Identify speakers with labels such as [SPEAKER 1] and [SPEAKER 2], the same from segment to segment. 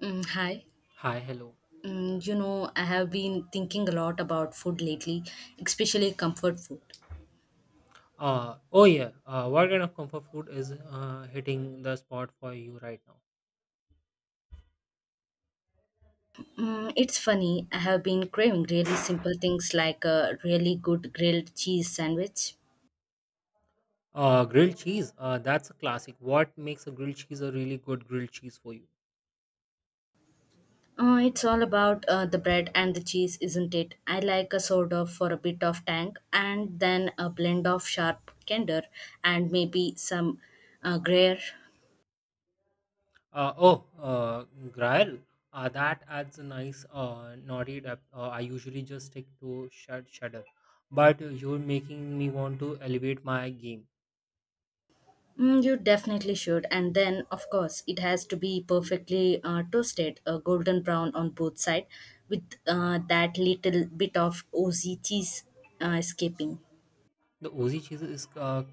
[SPEAKER 1] Hi.
[SPEAKER 2] Hi, hello.
[SPEAKER 1] I have been thinking a lot about food lately, especially comfort food.
[SPEAKER 2] Oh yeah. What kind of comfort food is hitting the spot for you right now?
[SPEAKER 1] It's funny, I have been craving really simple things like a really good grilled cheese sandwich.
[SPEAKER 2] Grilled cheese. That's a classic. What makes a grilled cheese a really good grilled cheese for you?
[SPEAKER 1] It's all about the bread and the cheese, isn't it? I like a soda for a bit of tang and then a blend of sharp candor and maybe some gruyere.
[SPEAKER 2] Uh, oh, uh, grill. That adds a nice naughty depth. I usually just stick to shudder, but you're making me want to elevate my game.
[SPEAKER 1] You definitely should. And then, of course, it has to be perfectly toasted, golden brown on both sides, with that little bit of Aussie cheese escaping.
[SPEAKER 2] The Ozi cheese is uh,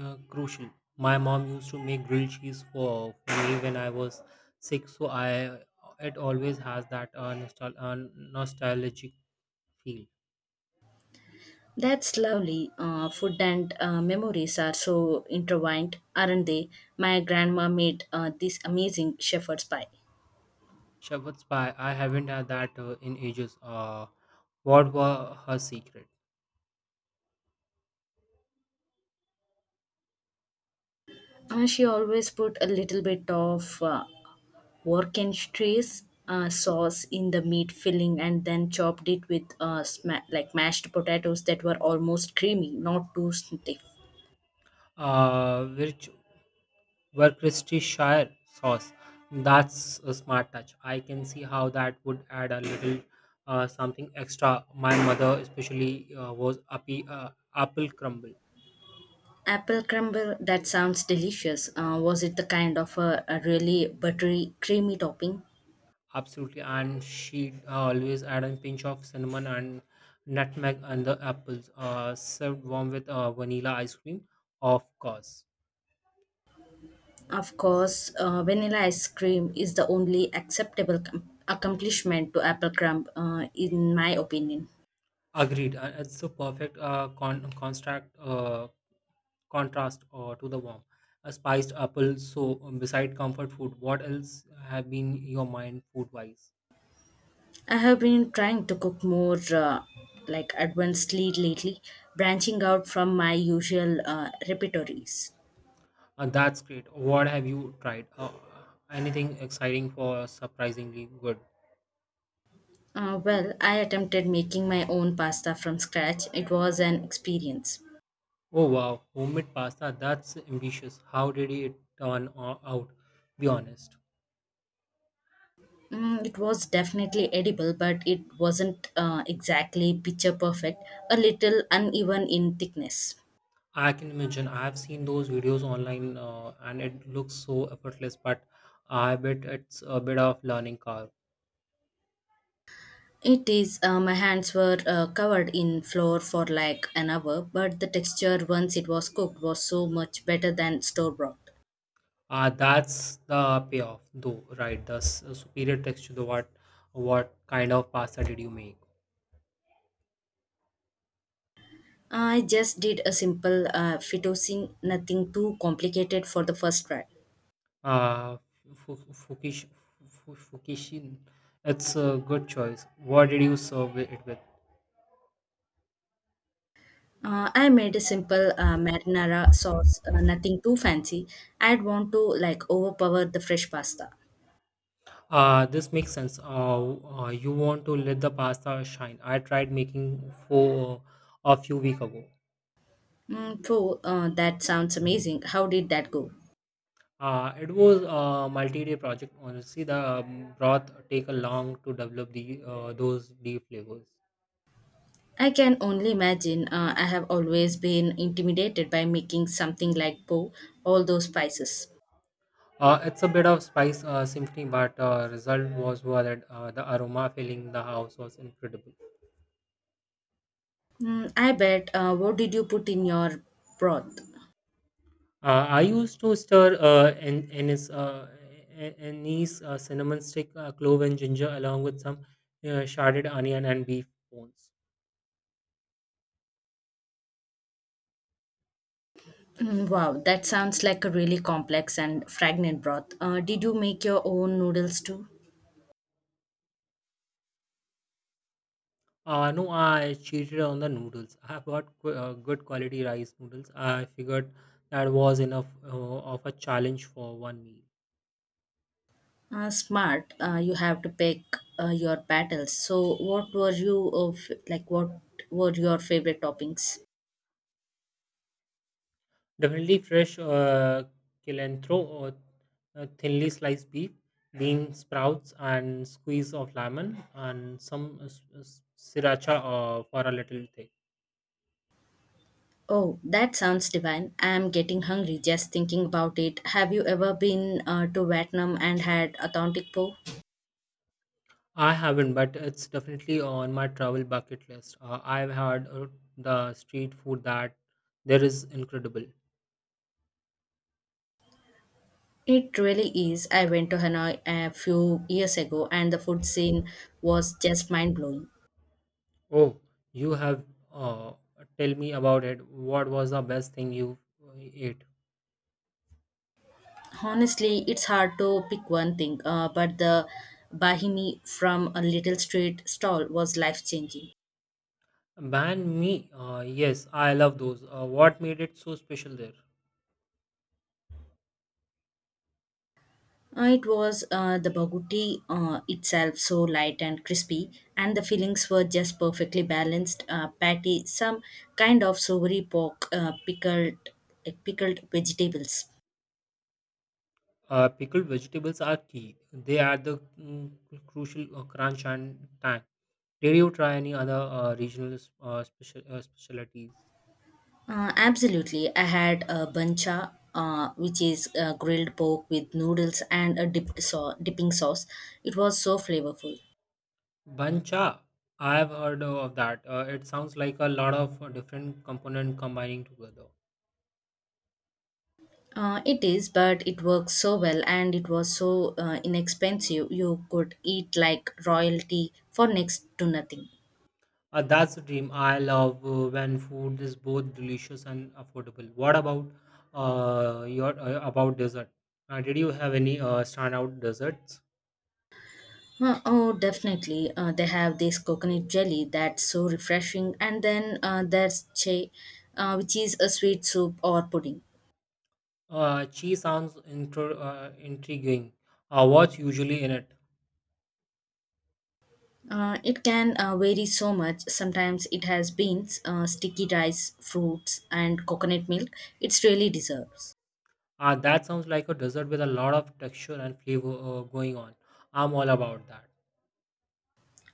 [SPEAKER 2] uh, crucial. My mom used to make grilled cheese for me when I was sick, so I it always has that nostalgic feel.
[SPEAKER 1] That's lovely. Food and memories are so intertwined, aren't they? My grandma made this amazing shepherd's pie.
[SPEAKER 2] Shepherd's pie, I haven't had that in ages. What were her secret?
[SPEAKER 1] She always put a little bit of Worcestershire sauce in the meat filling and then chopped it with like mashed potatoes that were almost creamy, not too stiff.
[SPEAKER 2] Which were Worcestershire sauce. That's a smart touch. I can see how that would add a little something extra. My mother, especially, was appy, apple crumble.
[SPEAKER 1] Apple crumble, that sounds delicious. Was it the kind of a really buttery, creamy topping?
[SPEAKER 2] Absolutely, and she always add a pinch of cinnamon and nutmeg and the apples, served warm with vanilla ice cream, of course.
[SPEAKER 1] Of course, vanilla ice cream is the only acceptable accomplishment to apple crumb, in my opinion.
[SPEAKER 2] Agreed, and it's a perfect contrast to the warm. A spiced apple. So, beside comfort food, what else have been your mind food wise?
[SPEAKER 1] I have been trying to cook more like advancedly lately, branching out from my usual repertories.
[SPEAKER 2] That's great. What have you tried? Anything exciting for surprisingly good?
[SPEAKER 1] Well, I attempted making my own pasta from scratch. It was an experience.
[SPEAKER 2] Oh wow, homemade pasta, that's ambitious. How did it out? Be honest.
[SPEAKER 1] It was definitely edible, but it wasn't exactly picture perfect, a little uneven in thickness.
[SPEAKER 2] I can imagine. I've seen those videos online and it looks so effortless, but I bet it's a bit of learning curve.
[SPEAKER 1] It is, my hands were covered in flour for like an hour, but the texture once it was cooked was so much better than store bought.
[SPEAKER 2] That's the payoff though, right? The superior texture, the what kind of pasta did you make?
[SPEAKER 1] I just did a simple fettuccine, nothing too complicated for the first try.
[SPEAKER 2] Uh, fu- fukish, fukishin. It's a good choice. What did you serve it with?
[SPEAKER 1] I made a simple marinara sauce, nothing too fancy. I'd want to like overpower the fresh pasta.
[SPEAKER 2] This makes sense. You want to let the pasta shine. I tried making four a few week ago.
[SPEAKER 1] So that sounds amazing. How did that go?
[SPEAKER 2] It was a multi-day project. Honestly, the broth take a long to develop the those deep flavors.
[SPEAKER 1] I can only imagine. I have always been intimidated by making something like po, all those spices.
[SPEAKER 2] It's a bit of spice symphony, but result was worth it. The aroma filling the house was incredible.
[SPEAKER 1] I bet. What did you put in your broth?
[SPEAKER 2] I used to stir anise, anise cinnamon stick, clove, and ginger, along with some shredded onion and beef bones.
[SPEAKER 1] Wow, that sounds like a really complex and fragrant broth. Did you make your own noodles too?
[SPEAKER 2] No, I cheated on the noodles. I bought good quality rice noodles. I figured that was enough of a challenge for one meal.
[SPEAKER 1] Smart. You have to pick your battles. So, what were you of like? What were your favorite toppings?
[SPEAKER 2] Definitely fresh cilantro or thinly sliced beef, bean sprouts, and squeeze of lemon, and some sriracha for a little thing.
[SPEAKER 1] Oh, that sounds divine. I'm getting hungry just thinking about it. Have you ever been to Vietnam and had authentic po?
[SPEAKER 2] I haven't, but it's definitely on my travel bucket list. I've had the street food that there is incredible.
[SPEAKER 1] It really is. I went to Hanoi a few years ago, and the food scene was just mind blowing.
[SPEAKER 2] Oh, you have. Uh, tell me about it. What was the best thing you ate?
[SPEAKER 1] Honestly, it's hard to pick one thing, but the bahini from a little street stall was life changing.
[SPEAKER 2] Banh mi. Yes, I love those. What made it so special there?
[SPEAKER 1] It was the baguti itself, so light and crispy, and the fillings were just perfectly balanced. Patty, some kind of savory pork, pickled vegetables.
[SPEAKER 2] Pickled vegetables are key. They add the crucial crunch and tang. Did you try any other regional specialties?
[SPEAKER 1] Absolutely. I had a bancha, which is grilled pork with noodles and a dipping sauce. It was so flavorful.
[SPEAKER 2] Bancha, I have heard of that. It sounds like a lot of different component combining together.
[SPEAKER 1] It is, but it works so well and it was so inexpensive. You could eat like royalty for next to nothing.
[SPEAKER 2] That's a dream. I love when food is both delicious and affordable. What about your about dessert? Did you have any standout desserts?
[SPEAKER 1] Oh, definitely. They have this coconut jelly that's so refreshing, and then there's che, which is a sweet soup or pudding.
[SPEAKER 2] Cheese sounds intriguing. What's usually in it?
[SPEAKER 1] It can vary so much. Sometimes it has beans, sticky rice, fruits, and coconut milk. It's really deserves.
[SPEAKER 2] That sounds like a dessert with a lot of texture and flavor going on. I'm all about that.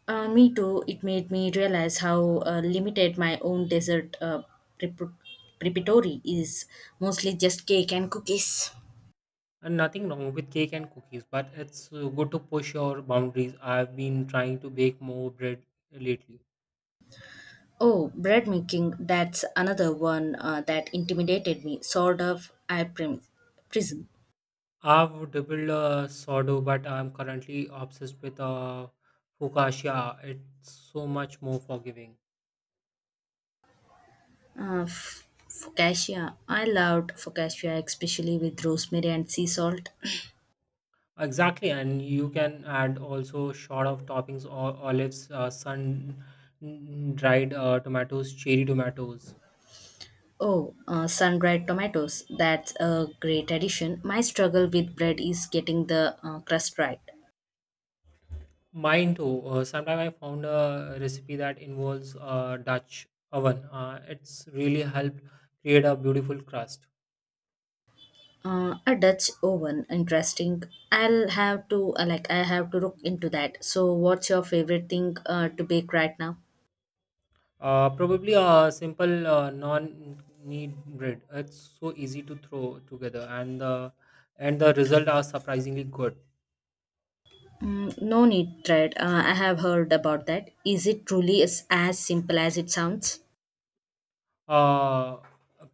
[SPEAKER 1] Me too. It made me realize how limited my own dessert prep- preparatory is. Mostly just cake and cookies.
[SPEAKER 2] And nothing wrong with cake and cookies, but it's good to push your boundaries. I've been trying to bake more bread lately.
[SPEAKER 1] Oh, bread making. That's another one that intimidated me. Sort of. Prism.
[SPEAKER 2] I've dabbled sourdough, but I'm currently obsessed with focaccia. It's so much more forgiving.
[SPEAKER 1] Focaccia. I loved focaccia, especially with rosemary and sea salt.
[SPEAKER 2] Exactly, and you can add also short of toppings or olives, sun dried tomatoes, cherry tomatoes.
[SPEAKER 1] Oh, sun-dried tomatoes. That's a great addition. My struggle with bread is getting the crust right.
[SPEAKER 2] Mine too. Sometimes I found a recipe that involves a Dutch oven. It's really helped create a beautiful crust.
[SPEAKER 1] A Dutch oven, interesting. I'll have to I have to look into that. So, what's your favorite thing to bake right now?
[SPEAKER 2] Probably a simple non-knead bread. It's so easy to throw together, and the result are surprisingly good.
[SPEAKER 1] No need, Fred. I have heard about that. Is it truly as simple as it sounds?
[SPEAKER 2] Uh,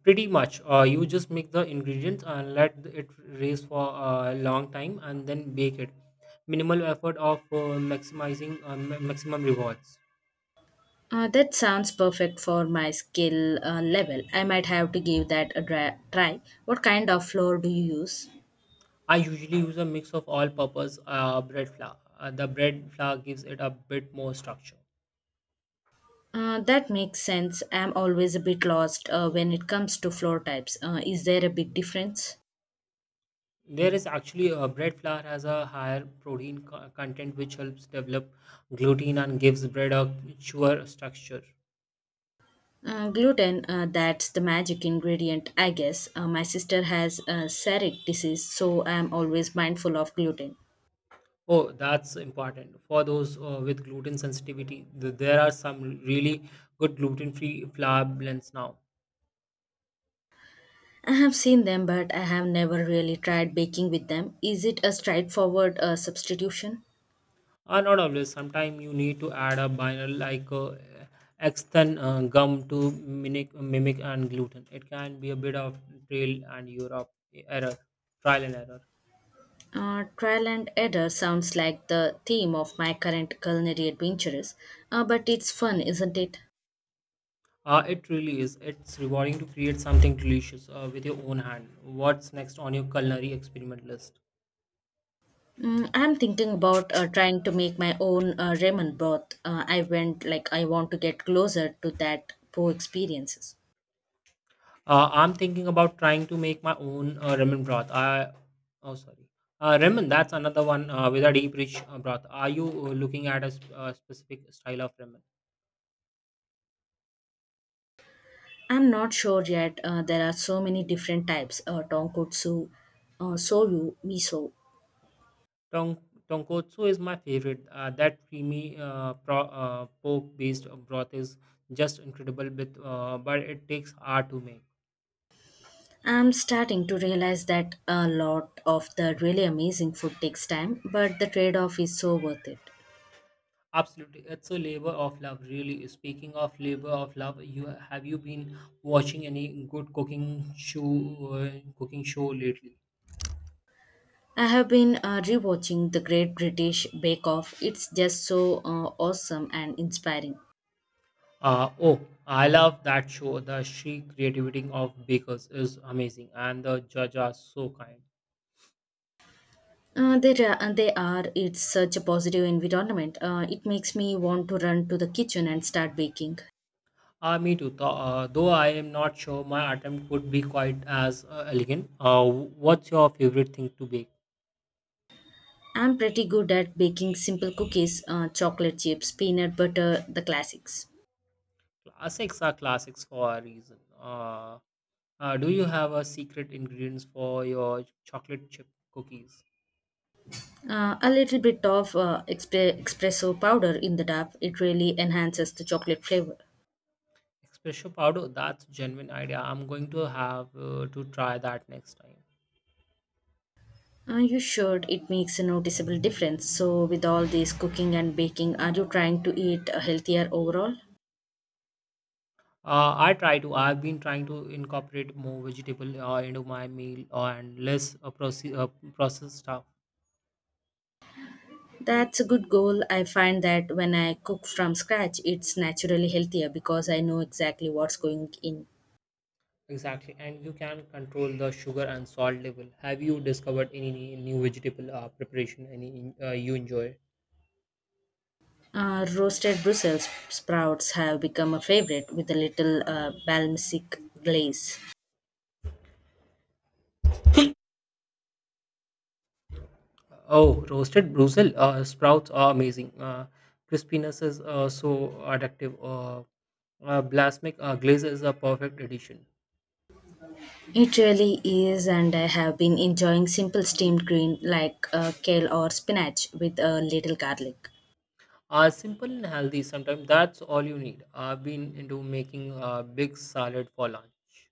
[SPEAKER 2] pretty much. You just mix the ingredients and let it raise for a long time, and then bake it. Minimal effort of maximizing maximum rewards.
[SPEAKER 1] That sounds perfect for my skill level. I might have to give that a try. What kind of flour do you use?
[SPEAKER 2] I usually use a mix of all-purpose bread flour. The bread flour gives it a bit more structure.
[SPEAKER 1] That makes sense. I'm always a bit lost when it comes to floor types. Is there a big difference?
[SPEAKER 2] There is actually a bread flour has a higher protein content, which helps develop gluten and gives bread a sure structure.
[SPEAKER 1] Gluten, that's the magic ingredient, I guess. My sister has celiac disease, so I'm always mindful of gluten.
[SPEAKER 2] Oh, that's important for those with gluten sensitivity. There are some really good gluten-free flour blends now.
[SPEAKER 1] I have seen them, but I have never really tried baking with them. Is it a straightforward substitution?
[SPEAKER 2] Not always. Sometimes you need to add a binary like extend gum to mimic and gluten. It can be a bit of trail and Europe error, trial and error.
[SPEAKER 1] Trial and error sounds like the theme of my current culinary adventures, but it's fun, isn't it?
[SPEAKER 2] It really is. It's rewarding to create something delicious with your own hand. What's next on your culinary experiment list?
[SPEAKER 1] I'm thinking about trying to make my own ramen broth. I went like I want to get closer to that po experiences.
[SPEAKER 2] I'm thinking about trying to make my own ramen broth. I oh sorry, ramen. That's another one with a deep rich broth. Are you looking at a, specific style of ramen?
[SPEAKER 1] I'm not sure yet. There are so many different types tonkotsu, soyu, miso.
[SPEAKER 2] Tong tonkotsu is my favorite. That creamy pork-based broth is just incredible, with, but it takes hour to make.
[SPEAKER 1] I'm starting to realize that a lot of the really amazing food takes time, but the trade off is so worth it.
[SPEAKER 2] Absolutely, it's a labor of love. Really, speaking of labor of love, you have you been watching any good uh, cooking show lately?
[SPEAKER 1] I have been rewatching the Great British Bake Off. It's just so awesome and inspiring.
[SPEAKER 2] Uh, oh, I love that show. The sheer creativity of bakers is amazing, and the judges are so kind.
[SPEAKER 1] They are, it's such a positive environment. It makes me want to run to the kitchen and start baking.
[SPEAKER 2] Ah, me too. Though I am not sure my attempt would be quite as elegant. What's your favorite thing to bake?
[SPEAKER 1] I'm pretty good at baking simple cookies, chocolate chips, peanut butter, the classics.
[SPEAKER 2] Classics are classics for a reason. Do you have a secret ingredients for your chocolate chip cookies?
[SPEAKER 1] A little bit of espresso powder in the dough, it really enhances the chocolate flavor.
[SPEAKER 2] Espresso powder. That's a genuine idea. I'm going to have to try that next time.
[SPEAKER 1] You should, it makes a noticeable difference. So, with all this cooking and baking, are you trying to eat healthier overall?
[SPEAKER 2] I try to. I've been trying to incorporate more vegetable into my meal and less processed stuff.
[SPEAKER 1] That's a good goal. I find that when I cook from scratch, it's naturally healthier because I know exactly what's going in.
[SPEAKER 2] Exactly, and you can control the sugar and salt level. Have you discovered any new vegetable preparation any you enjoy?
[SPEAKER 1] Roasted Brussels sprouts have become a favorite with a little balsamic glaze.
[SPEAKER 2] Oh, roasted Brussels sprouts are amazing. Crispiness is so addictive. Balsamic glaze is a perfect addition.
[SPEAKER 1] It really is, and I have been enjoying simple steamed green like kale or spinach with a little garlic.
[SPEAKER 2] Simple and healthy. Sometimes that's all you need. I've been into making a big salad for lunch.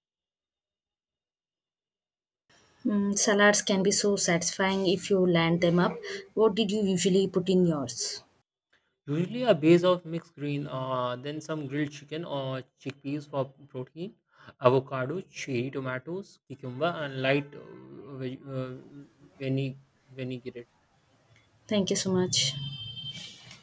[SPEAKER 1] Salads can be so satisfying if you land them up. What did you usually put in yours?
[SPEAKER 2] Usually a base of mixed green, then some grilled chicken or chickpeas for protein, avocado, cherry tomatoes, cucumber, and light veni- vinaigrette.
[SPEAKER 1] Thank you so much.
[SPEAKER 2] Thank you.